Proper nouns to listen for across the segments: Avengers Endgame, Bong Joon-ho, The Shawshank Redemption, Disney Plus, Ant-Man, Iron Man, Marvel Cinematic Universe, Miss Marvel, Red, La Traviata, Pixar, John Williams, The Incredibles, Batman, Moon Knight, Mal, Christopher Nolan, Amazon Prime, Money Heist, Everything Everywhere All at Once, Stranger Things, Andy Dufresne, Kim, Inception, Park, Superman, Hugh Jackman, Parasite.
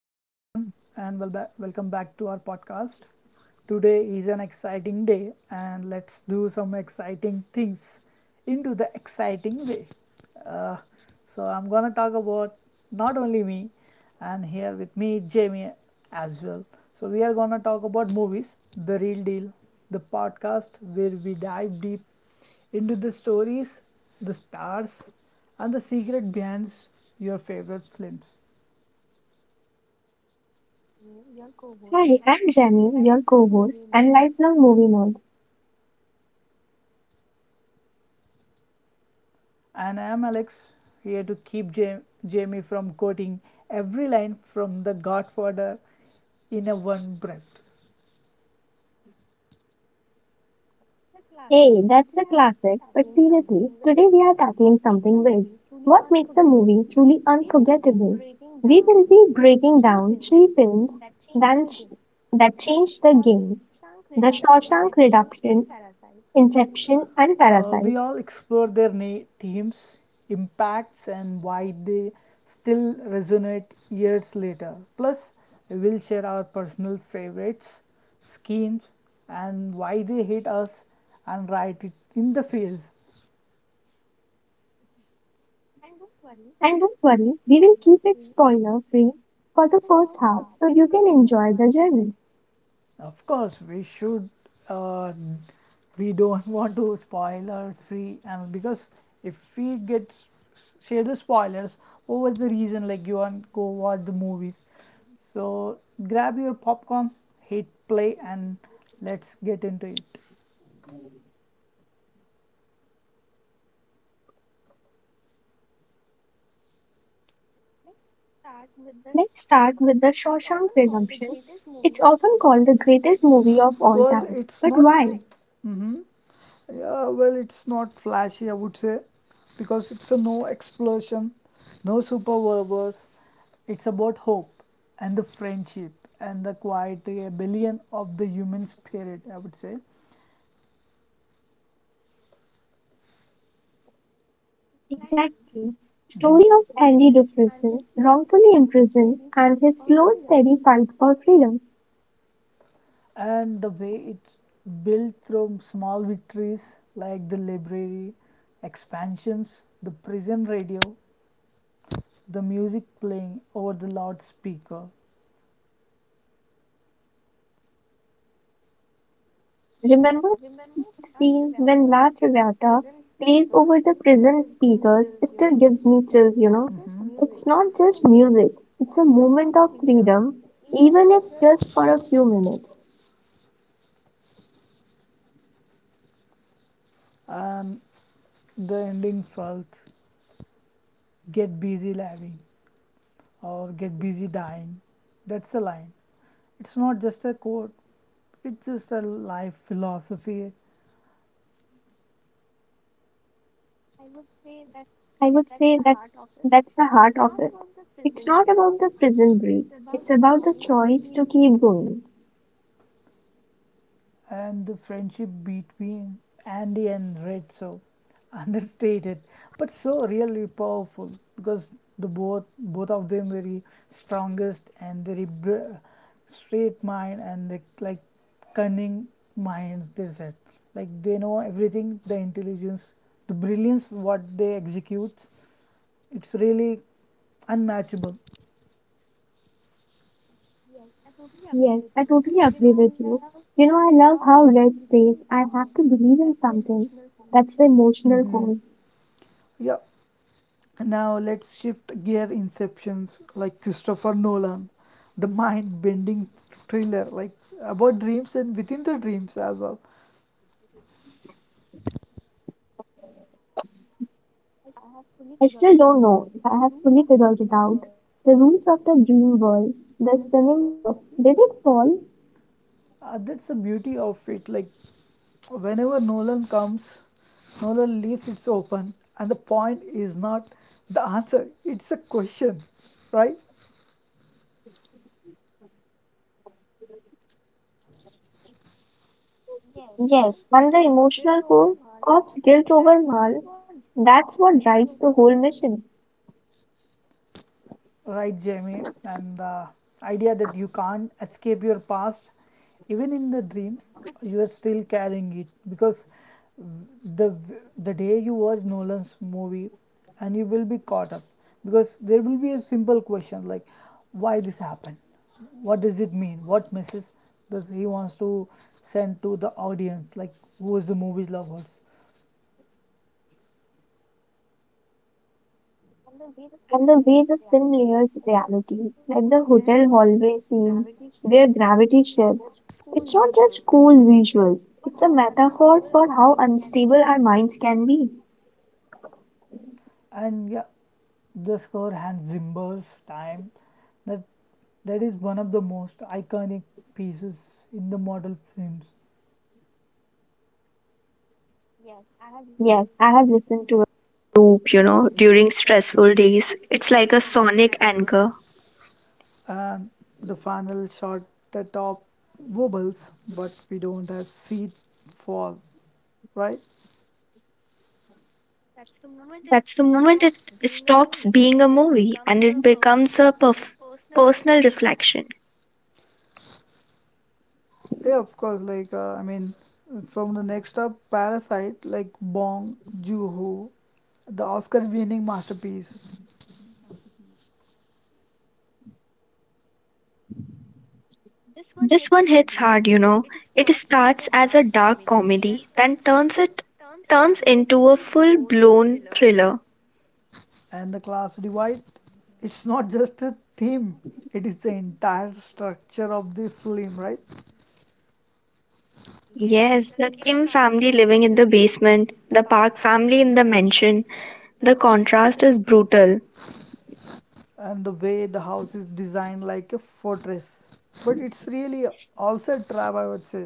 and welcome back to our podcast. Today is an exciting day, and let's do some exciting things into the exciting way. Uh, I'm gonna talk about not only me, and here with me, Jamie as well. So, we are gonna talk about movies, the real deal, the podcast where we dive deep into the stories, the stars, and the secret behind your favorite films. Hi, I'm Jenny, your co-host and lifelong movie nerd. And I'm Alex, here to keep Jamie from quoting every line from The Godfather in a one breath. Hey, that's a classic, but seriously, today we are tackling something big. What makes a movie truly unforgettable? We will be breaking down three films that, ch- that changed the game: The Shawshank Redemption, Inception, and We Parasite. all explore their themes, impacts, and why they still resonate years later. Plus, we will share our personal favorites, schemes, and why they hit us and write it in the fields. And don't worry, we will keep it spoiler-free for the first half so you can enjoy the journey. Of course, we should. Uh, we don't want to spoiler free, and because if we get share the spoilers, what was the reason? Like you want to go watch the movies. So grab your popcorn, hit play, and let's get into it. Let's start with The Shawshank Redemption. It's often called the greatest movie of all Well, time. it's But not. why? Mhm. Yeah, well, it's not flashy, I would say, because it's a no explosion, no superpowers. It's about hope and the friendship and the quiet rebellion of the human spirit, I would say. Exactly. The story of Andy Dufresne, wrongfully imprisoned, and his slow, steady fight for freedom. And the way it's built through small victories like the library, expansions, the prison radio, the music playing over the loudspeaker, Remember that scene when La Traviata plays over the prison speakers? It still gives me chills. It's not just music, it's a moment of freedom, even if just for a few minutes. and the ending felt get busy living, or get busy dying. That's a line. It's not just a quote, it's just a life philosophy, I would say that that's the heart of it. It's not about the prison break. It's about the choice to keep going. and the friendship between Andy and Red. So understated, but so really powerful because the both both of them very strongest and very straight mind and they, like, cunning minds. They said like they know everything, the intelligence, the brilliance what they execute. It's really unmatchable. Yes, I totally agree with you. You know, I love how Red says I have to believe in something. That's the emotional Mm-hmm. core. Yeah. Now let's shift gear inceptions, like Christopher Nolan, the mind bending thriller like about dreams and within the dreams as well. I still don't know if I have fully figured it out. The rules of the dream world, the spinning top, did it fall? That's the beauty of it. Like, whenever Nolan comes, Nolan leaves it open, and the point is not the answer, it's a question, right? Yes, and the emotional core, Cobb's guilt over Mal, that's what drives the whole mission. Right, Jamie, and the idea that you can't escape your past, even in the dreams, you are still carrying it because the the day you watch Nolan's movie, and you will be caught up because there will be a simple question like, why this happened, what does it mean, what message does he wants to send to the audience, like who is the movie's lovers, And the way the film layers reality, like the hotel hallway scene where gravity shifts, it's not just cool visuals, it's a metaphor for how unstable our minds can be. and yeah the score Hans Zimmer's time, that that is one of the most iconic pieces in the model films, Yes, I have listened to it. Loop, you know, during stressful days. It's like a sonic anchor. and the final shot, the top wobbles but we don't have seat fall, right? That's the moment it stops being a movie and it becomes a personal reflection. Yeah, of course, like I mean, from the next up Parasite, like Bong Joon-ho, the Oscar winning masterpiece, This one hits hard, you know. It starts as a dark comedy, then turns into a full-blown thriller. and the class divide, it's not just a theme, it is the entire structure of the film, right? Yes, the Kim family living in the basement, the Park family in the mansion. The contrast is brutal. And the way the house is designed like a fortress, but it's really also a trap, I would say.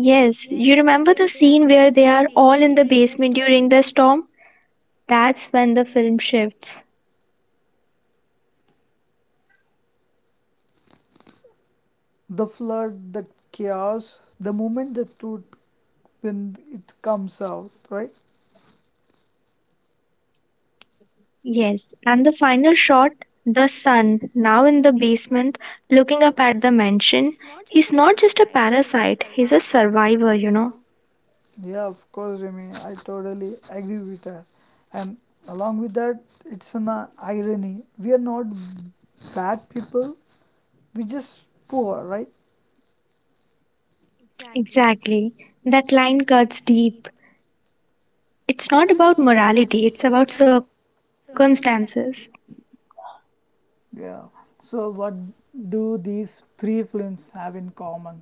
Yes, you remember the scene where they are all in the basement during the storm? That's when the film shifts. The flood, the chaos, the moment the truth when it comes out, right? Yes, and the final shot, the son, now in the basement, looking up at the mansion. He's not just a parasite, he's a survivor, you know. Yeah, of course, Remy. I totally agree with that. And along with that, it's an irony. We are not bad people. We just poor, right? Exactly. That line cuts deep. It's not about morality, it's about circumstances. Yeah. So what do these three films have in common?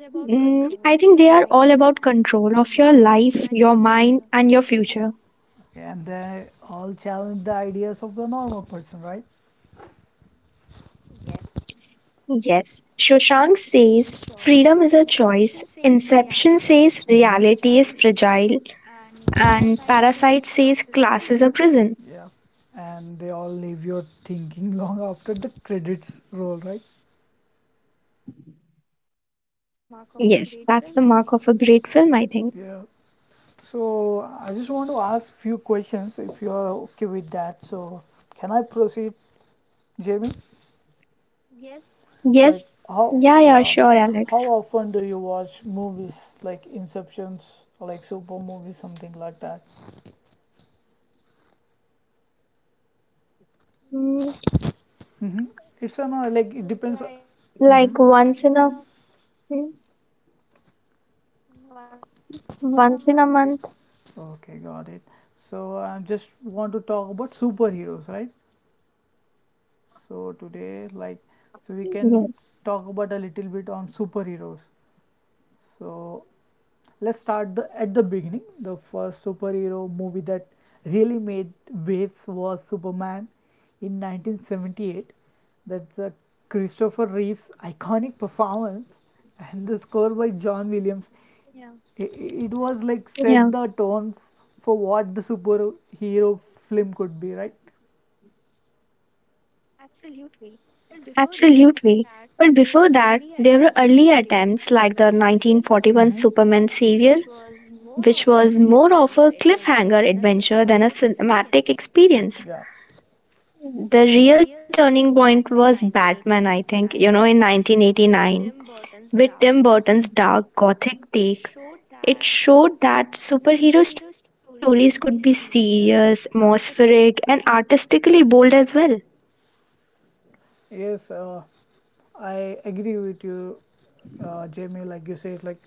I think they are all about control of your life, your mind, and your future. Okay, and they all challenge the ideas of the normal person, right? Yes, Shoshank says freedom is a choice. Inception says reality is fragile. And Parasite says class is a prison. Yeah. And they all leave your thinking long after the credits roll, right? Yes, that's the mark of a great film, I think. Yeah. So I just want to ask few questions if you are okay with that. So can I proceed, Jamie? Like Yes, how, yeah, yeah, yeah, sure, how Alex. often do you watch movies like Inceptions, like super movies, something like that? Mm, Mm-hmm. It's a no, like it depends. like Mm-hmm. once in a mm, Once in a month. Okay, got it. So I just want to talk about superheroes, right? So today, like, so we Yes. can talk about a little bit on superheroes. So let's start the at the beginning. The first superhero movie that really made waves was Superman in 1978. That's a Christopher Reeve's iconic performance and the score by John Williams. It was like Yeah, set the tone for what the superhero film could be, right? absolutely. But before that, there were early attempts like the 1941 Mm-hmm. Superman serial, which was more of a cliffhanger adventure than a cinematic Yeah. experience. The real turning point was Batman, I think, you know, in 1989 with Tim Burton's dark gothic take. It showed that superhero stories could be serious, atmospheric, and artistically bold as well. Yes, I agree with you, Jamie. Like you said, like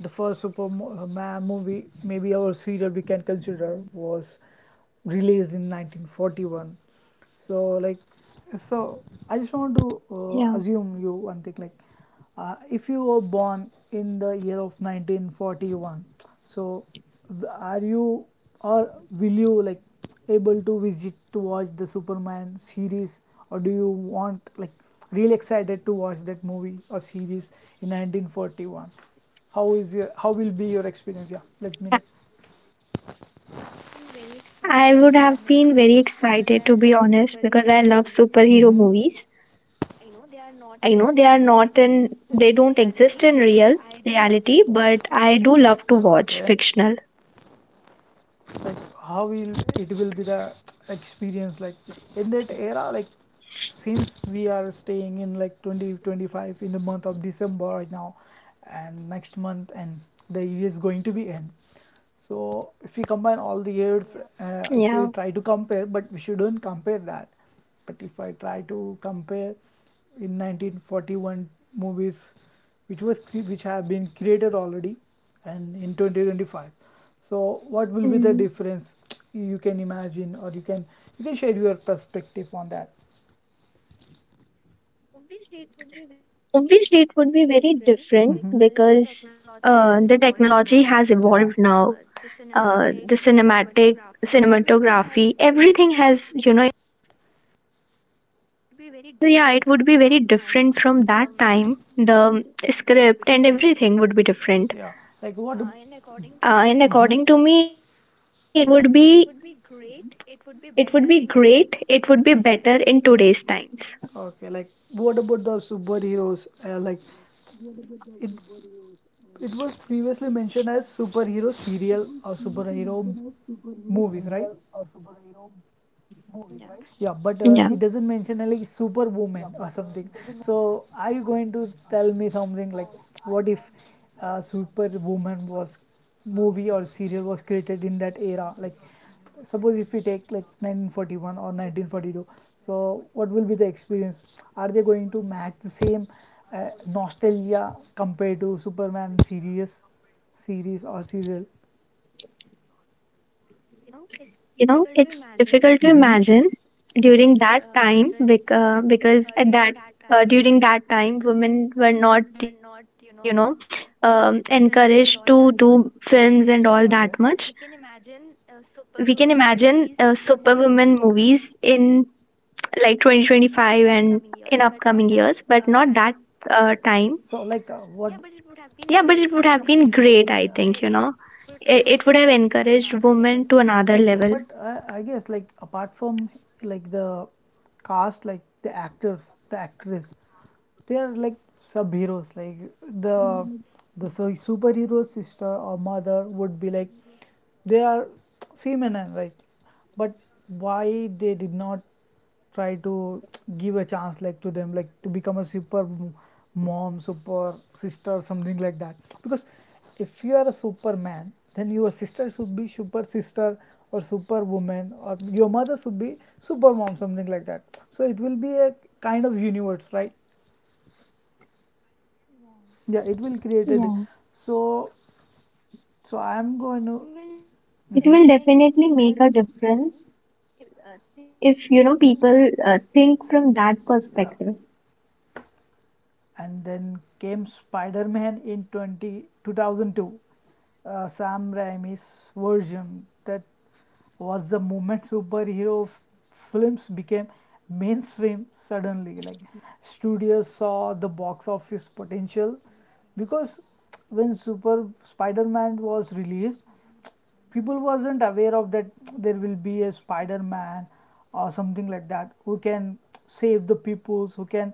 the first Superman movie, maybe our serial we can consider, was released in 1941. So, like, so I just want to Yeah. assume you one thing, like, if you were born in the year of 1941, so are you or will you like able to visit to watch the Superman series, or do you want like really excited to watch that movie or series in 1941? How is your how will be your experience? Yeah, let me know. I I would have been very excited, to be honest, because I love superhero Hmm. movies. I know they don't exist in real reality, but I do love to watch Okay. fictional. Like how will it will be the experience like in that era, like since we are staying in like 2025 in the month of December right now, and next month, and the year is going to be end. So if we combine all the years, Yeah. if we try to compare, but we shouldn't compare that, but if I try to compare in 1941 movies which was which have been created already, and in 2025, so what will be the difference you can imagine, or you can share your perspective on that. Obviously, it would be very different Mhm. because the technology has Yeah, evolved now. The cinematography, everything has, you know, so, yeah, it would be very different from that time. The script and everything would be yeah, different. like what. Mm-hmm. And according to me, it would be great. It would be better in today's times. Okay, like what about the superheroes? Like, it it was previously mentioned as superhero serial or superhero movies, right? Yeah, but it Yeah. doesn't mention like superwoman or something. So are you going to tell me something like what if superwoman was movie or serial was created in that era, like suppose if we take like 1941 or 1942, so what will be the experience, are they going to match the same uh, nostalgia compared to superman series series or serial. You know, it's difficult to Mm-hmm. imagine during that time because at that during that time women were not, you know, encouraged to do films and all that Okay. much. We can imagine superwoman movies in like 2025 and in upcoming years, but not that time. So like what? Yeah, but it would have been great, I Yeah. think, you know. It would have encouraged women to another Okay, level. but I guess like apart from like the cast, like the actors, the actress, they are like sub heroes. Like the the superhero sister or mother would be like they are feminine, right? But why they did not try to give a chance like to them like to become a super mom, super sister, something like that, because if you are a superman then your sister should be super sister or super woman, or your mother should be super mom, something like that. So it will be a kind of universe, right? Yeah, it will Yeah, created. So, so I'm going to. it will Mhm. definitely make a difference if you know people think from that Yeah. perspective. And then came Spider Man in 20 2002, Sam Raimi's version. That was the moment superhero films became mainstream suddenly. Like, studios saw the box office potential because when Super Spider Man was released, people wasn't aware of that there will be a spider-man or something like that who can save the peoples who can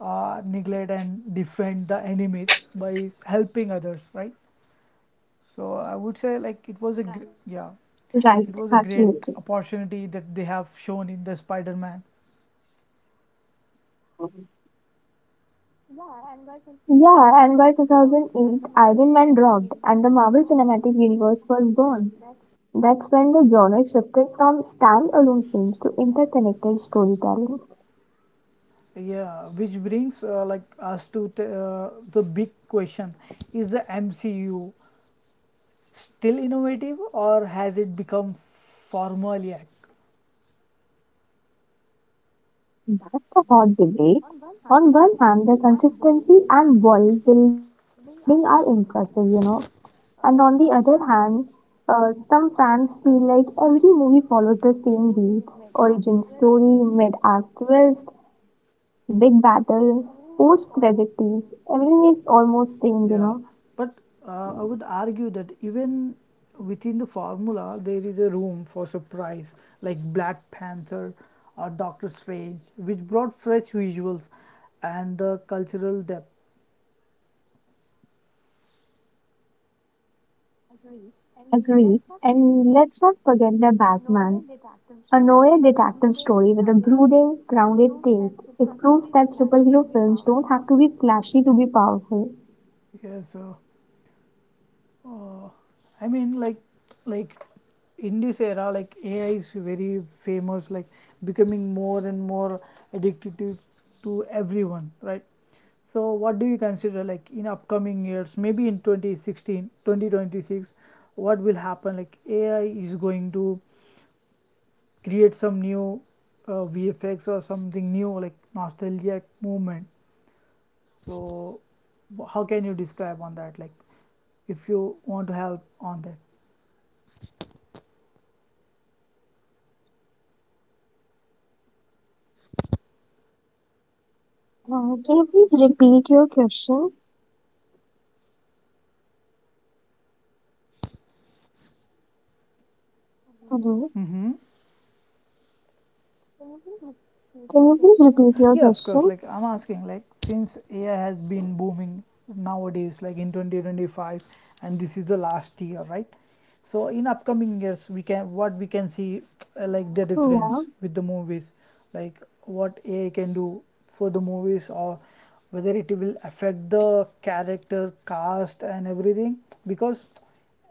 neglect and defend the enemies by helping others, right? So I would say like it was a Right. Right, Yeah, it was a absolutely. great opportunity that they have shown in the spider-man. Yeah, and by 2008, Iron Man dropped and the Marvel Cinematic Universe was born. That's when the genre shifted from standalone films to interconnected storytelling. Yeah, which brings like us to the big question, is the MCU still innovative or has it become formulaic? That's a hot debate. On one hand, the consistency and world building are impressive, you know. And on the other hand, some fans feel like every movie follows the same beat: origin story, mid act twist, big battle, post credit tease. Everything is almost same, you Yeah, know. but I would argue that even within the formula, there is a room for surprise, like Black Panther or Doctor Strange, which brought fresh visuals and the cultural depth. Agreed. And let's not forget the Batman, a noir detective story with a brooding, grounded take. It proves that superhero films don't have to be flashy to be powerful. Yes, sir. Uh, I mean, like, in this era, like AI is very famous, like becoming more and more addictive to everyone, right? So, what do you consider, like, in upcoming years, maybe in 2016, 2026, what will happen? Like, AI is going to create some new VFX or something new, like nostalgic movement. So, how can you describe on that? Like, if you want to help on that. Can you please repeat your question? Hello. Mm-hmm. Can you please repeat your Yeah, of course. question? Like I'm asking, like since AI has been booming nowadays, like in 2025, and this is the last year, right? So in upcoming years, we can what we can see Yeah. like the difference with the movies, like what AI can do for the movies, or whether it will affect the character cast and everything, because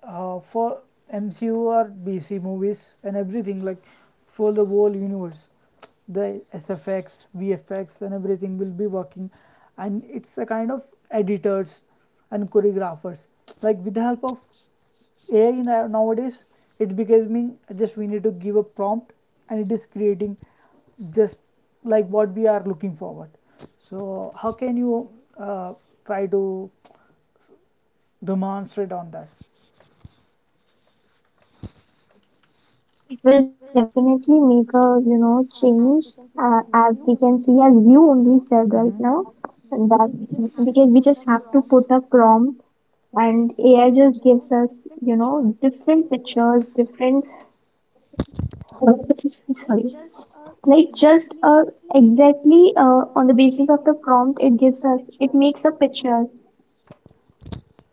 for MCU or DC movies and everything, like for the whole universe. The SFX, VFX, and everything will be working. And it's a kind of editors and choreographers. Like with the help of AI nowadays, it's becoming just we need to give a prompt and it is creating just like what we are looking forward. So, how can you uh, try to demonstrate on that? It will definitely make a, you know, change as we can see, as you only said right Mhm. now, that because we just have to put a prompt and AI just gives us, you know, different pictures, different, sorry, like just exactly on the basis of the prompt, it gives us, it makes a picture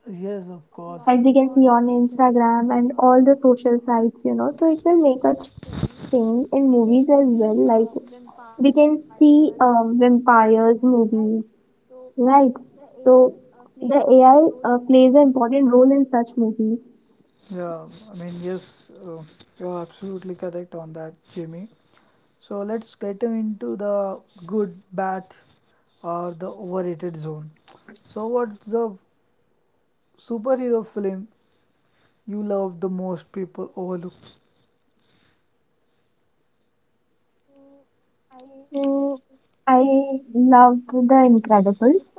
Yes, of as course. we can see on Instagram and all the social sites, you know, so it will make a change in movies as well, like we can see vampires movies, right? So the AI plays an important role in such movies. Yeah, I mean, yes, uh, you're absolutely correct on that, Jimmy. So let's get into the good, bad, or the overrated zone. So, what's the superhero film you love the most people overlook? Mm, I love The Incredibles.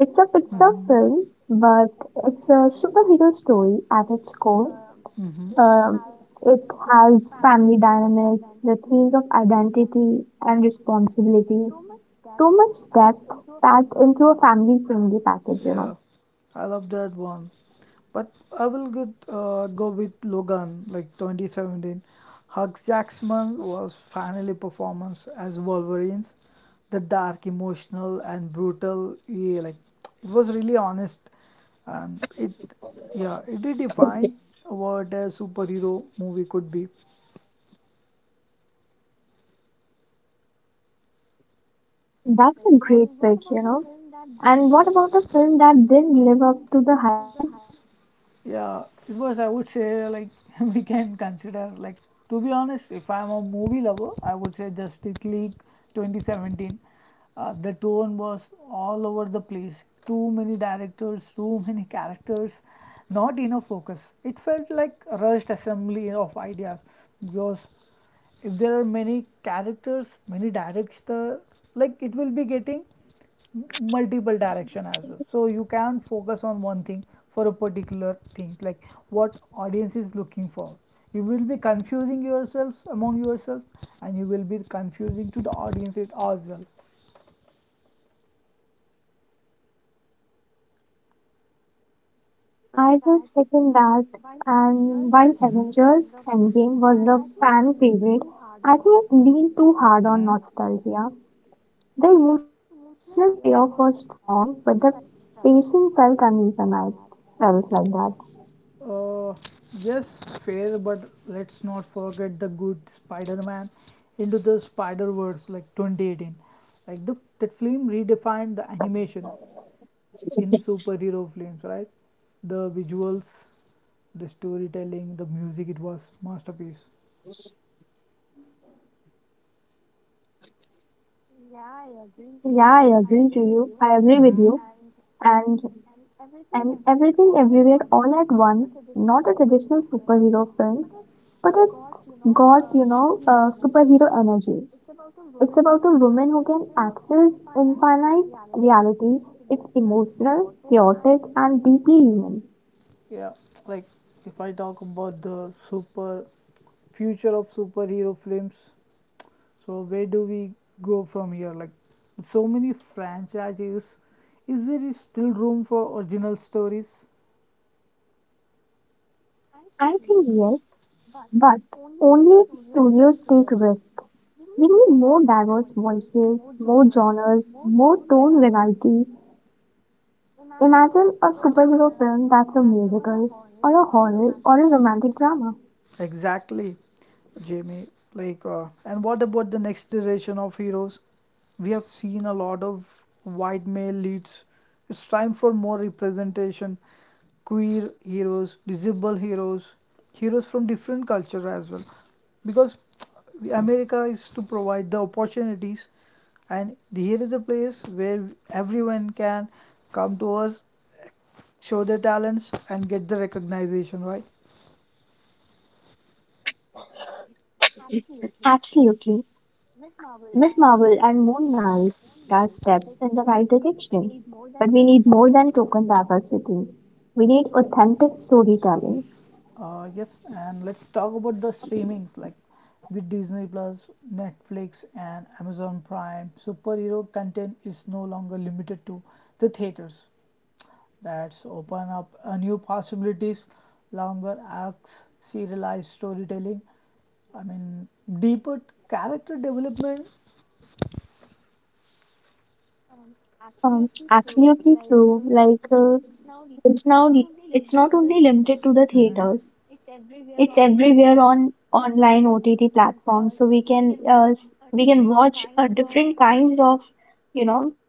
It's a But, Pixar mm-hmm. film, but it's a superhero story at its core. Mm-hmm. Um, it has family dynamics, the themes of identity and responsibility. So much depth packed into a family friendly package, Yeah, you know. I love that one. But I will go with Logan, like 2017. Hugh Jackman was finally performance as Wolverines, the dark, emotional, and brutal. Yeah, like it was really honest, and it redefined what a superhero movie could be. That's a great pick, you know. And what about a film that didn't live up to the hype? Yeah, it was, I would say, like, we can consider, like, to be honest, if I'm a movie lover, I would say Justice League 2017. The tone was all over the place. Too many directors, too many characters, not enough focus. It felt like a rushed assembly of ideas. Yours, if there are many characters, many directs, the like it will be getting multiple direction as well, so you can focus on one thing for a particular thing, like what audience is looking for. You will be confusing yourselves among yourself, and you will be confusing to the audience it as well. I will second that. And while Avengers Endgame was a fan favorite, I think it leaned too Mhm. hard on nostalgia. The emotional payoff was strong, but the pacing felt uneven. I felt like Uh, yes, fair, but let's not forget the good Spider-Man into the Spider-Verse like 2018. Like the that film redefined the animation in that. superhero films, right? The visuals, the storytelling, the music, it was masterpiece. Yeah, I agree to you. I agree with Hmm. you. And And everything everywhere all at once, not a traditional superhero film, but it's got, you know, superhero energy. It's about a woman who can access infinite reality. It's emotional, chaotic, and deeply human. Yeah, like if I talk about the super future of superhero films, so where do we go from here? Like so many franchises, is there is still room for original stories? I think yes, but only if studios take risk. We need more diverse voices, more genres, more tone variety. Imagine a superhero film that's a musical, or a horror, or a romantic drama. Exactly, Jamie. Like, and what about the next generation of heroes? We have seen a lot of white male leads. It's time for more representation. Queer heroes, disabled heroes, heroes from different culture as well. Because America is to provide the opportunities, and here is a place where everyone can come to us, show their talents, and get the recognition, right? Absolutely. Miss Marvel and Moon Knight are steps in the right direction. But we need more than token diversity. We need authentic storytelling. Yes, and let's talk about the streamings, like with Disney Plus, Netflix, and Amazon Prime. Superhero content is no longer limited to the theaters. That's open up new possibilities, longer arcs, serialized storytelling. I mean, deeper character development. Absolutely true. It's now it's not only limited to the Mhm. theaters. It's everywhere on online OTT platforms. So we can watch different kinds of, you know,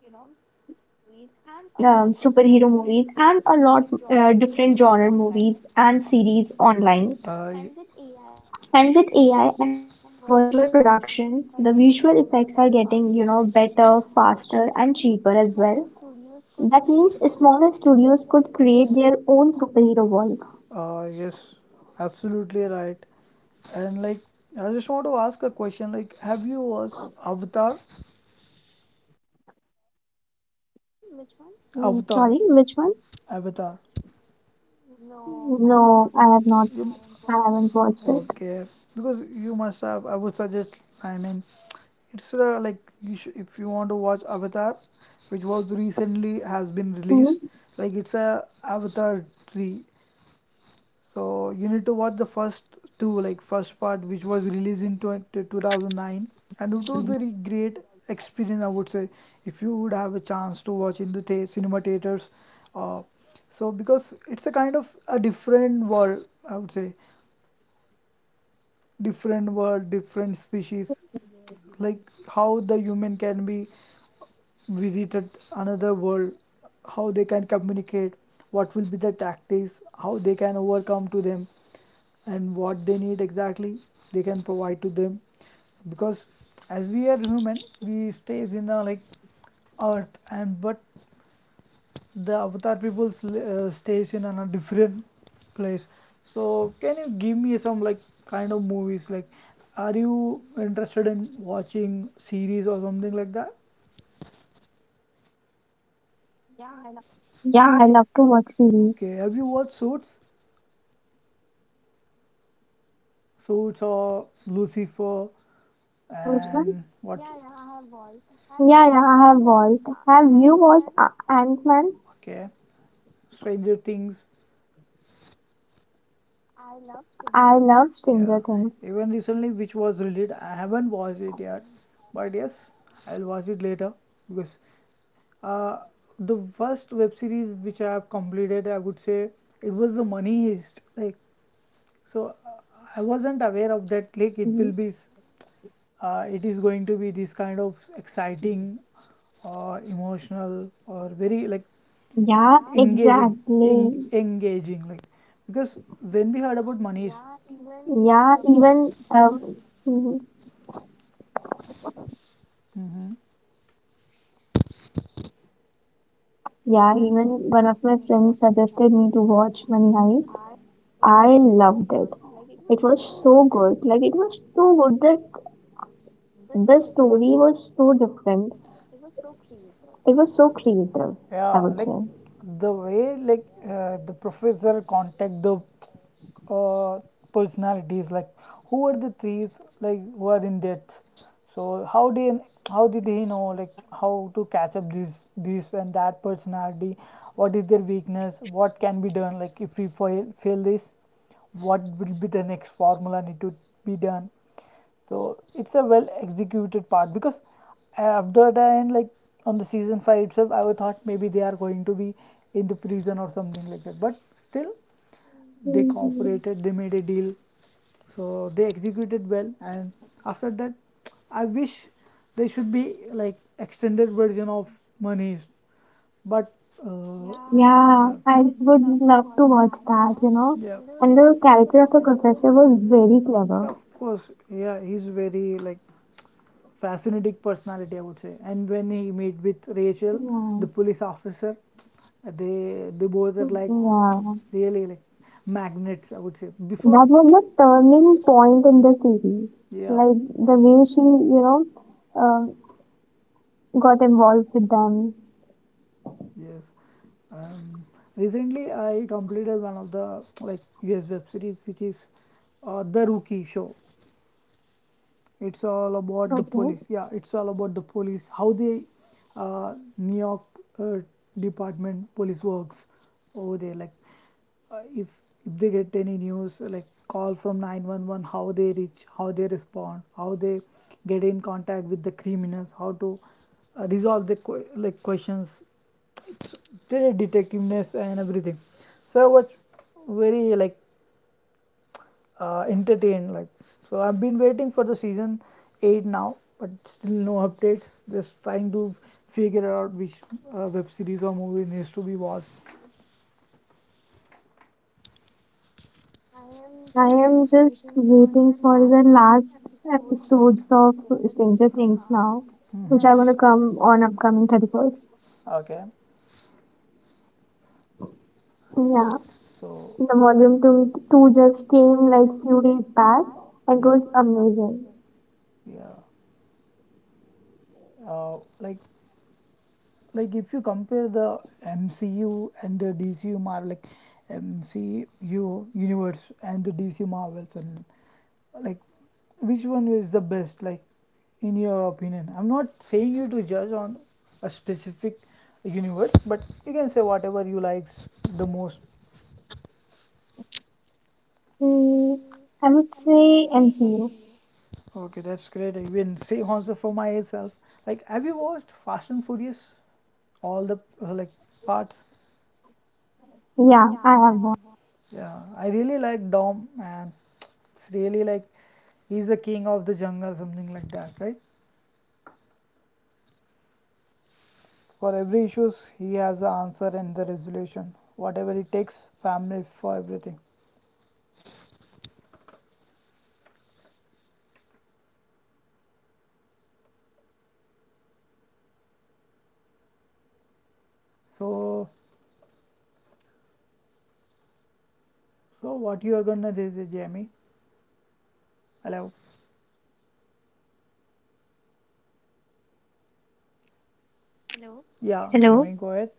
superhero movies and a lot different genre movies and series online. Uh, y- And with AI and virtual production, the visual effects are getting, you know, better, faster, and cheaper as well. That means smaller studios could create their own superhero worlds. Yes, absolutely right. And like, I just want to ask a question. Like, have you watched Avatar? Avatar. Sorry, which one? Avatar. No, I have You, not. I it. haven't Okay. watched it. Because you must have, I would suggest, I mean, it's like if you want to watch Avatar, which was recently has been released, like it's Hmm. a Avatar 3. So you need to watch the first two, like first part, which was released in 2009, and it was a very great experience. I would say if you would have a chance to watch in the cinema theaters, uh, so because it's a kind of a different world, I would say, different world, different species, like how the human can be visited another world, how they can communicate, what will be the tactics, how they can overcome to them, and what they need exactly they can provide to them. Because as we are human, we stays in a like earth, and but the avatar people stays in on a different place. So can you give me some like kind of movies, like are you interested in watching series or something like that? Yeah, I love to watch series. Okay, have you watched suits, suits or lucifer, Which one? and what? Yeah, yeah, I have watched. Have you watched Ant-Man? Okay, stranger things. I love Yeah, Stranger Things. even recently, which was released, I haven't watched it yet, but yes, I'll watch it later because uh, the first web series which I have completed, I would say it was the Money Heist. Like, so I wasn't aware of that. Like, it will be, Y- it is going to be this kind of exciting or emotional or very like. Yeah, Yeah, engaging, exactly. exactly. Engaging. Like, because when we heard about Money Heist, Yeah, yeah, even um, mhm. even Yeah, even one of my friends suggested me to watch Money Heist. I loved it. It was so good. Like it was so good that the story was so different. It was so creative, I yeah, would like say. the way like the professor contact the uh, personalities, like who are the thieves? Like who are in debt, so how did he know, like how to catch up this this and that personality, what is their weakness, what can be done, like if we fail this, what will be the next formula need to be done. So it's a well executed part, because after the end, like on the season 5 itself, I would thought maybe they are going to be in the prison or something like that. But still, they Mhm. cooperated, they made a deal, so they executed well, and after that I wish they should be like extended version of money, but uh, yeah. Yeah, I would yeah, love to watch that, you know. yeah And the character of the professor was very Yeah, clever. of course, yeah he's very like fascinating personality, I would say. And when he meet with Rachel, the Yeah. police officer, they both are like. Yeah, Yeah, really like magnets, I would say. Before, that was the turning point in the series. yeah, Like the the way she, you know, um got involved with them. yes. Um, recently, I completed one of the like US web series, which is the Rookie show. It's all about the Okay, police, yeah it's all about the police, how they, uh, new york uh, department police works over there, like uh, if if they get any news like call from 911, how they reach, how they respond, how they get in contact with the criminals, how to resolve the like questions, their detectiveness and everything. So I was very like entertained. Like so, I've been waiting for the season 8 now, but still no updates. Just trying to figure out which web series or movie needs to be watched. I am just waiting for the last episodes of Stranger Things now, which are gonna come Mhm. on upcoming 31st. Okay, so Yeah, so the volume two just came like few days back and it yep, was amazing. yeah, uh, like if you compare the MCU and the DCU Marvel, like MCU universe and the DC Marvels, and like which one is the best? Like in your opinion, I'm not saying you to judge on a specific universe, but you can say whatever you likes the most. Mm, I would say MCU. Okay, that's great. I even say also for myself. Like, have you watched Fast and Furious? All the like parts. Yeah, I have one. Yeah, I really like Dom, man. It's really like he's the king of the jungle, something like that, right? For every issues, he has the answer and the resolution. Whatever it takes, family for everything. So, so what you are gonna do, is- Jamie? Hello. Yeah, Hello. Jamie, go ahead.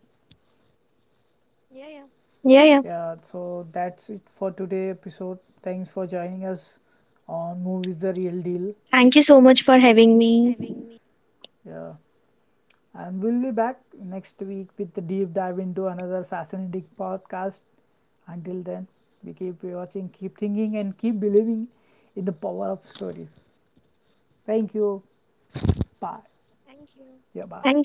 Yeah, yeah. Yeah, so that's it for today episode. Thanks for joining us on Movies the Real Deal. Thank you so much for having me. Yeah, and we'll be back next week with the deep dive into another fascinating podcast. Until then, we keep watching, keep thinking, and keep believing in the power of stories. Thank you. Bye. Thank Yeah, bye. you.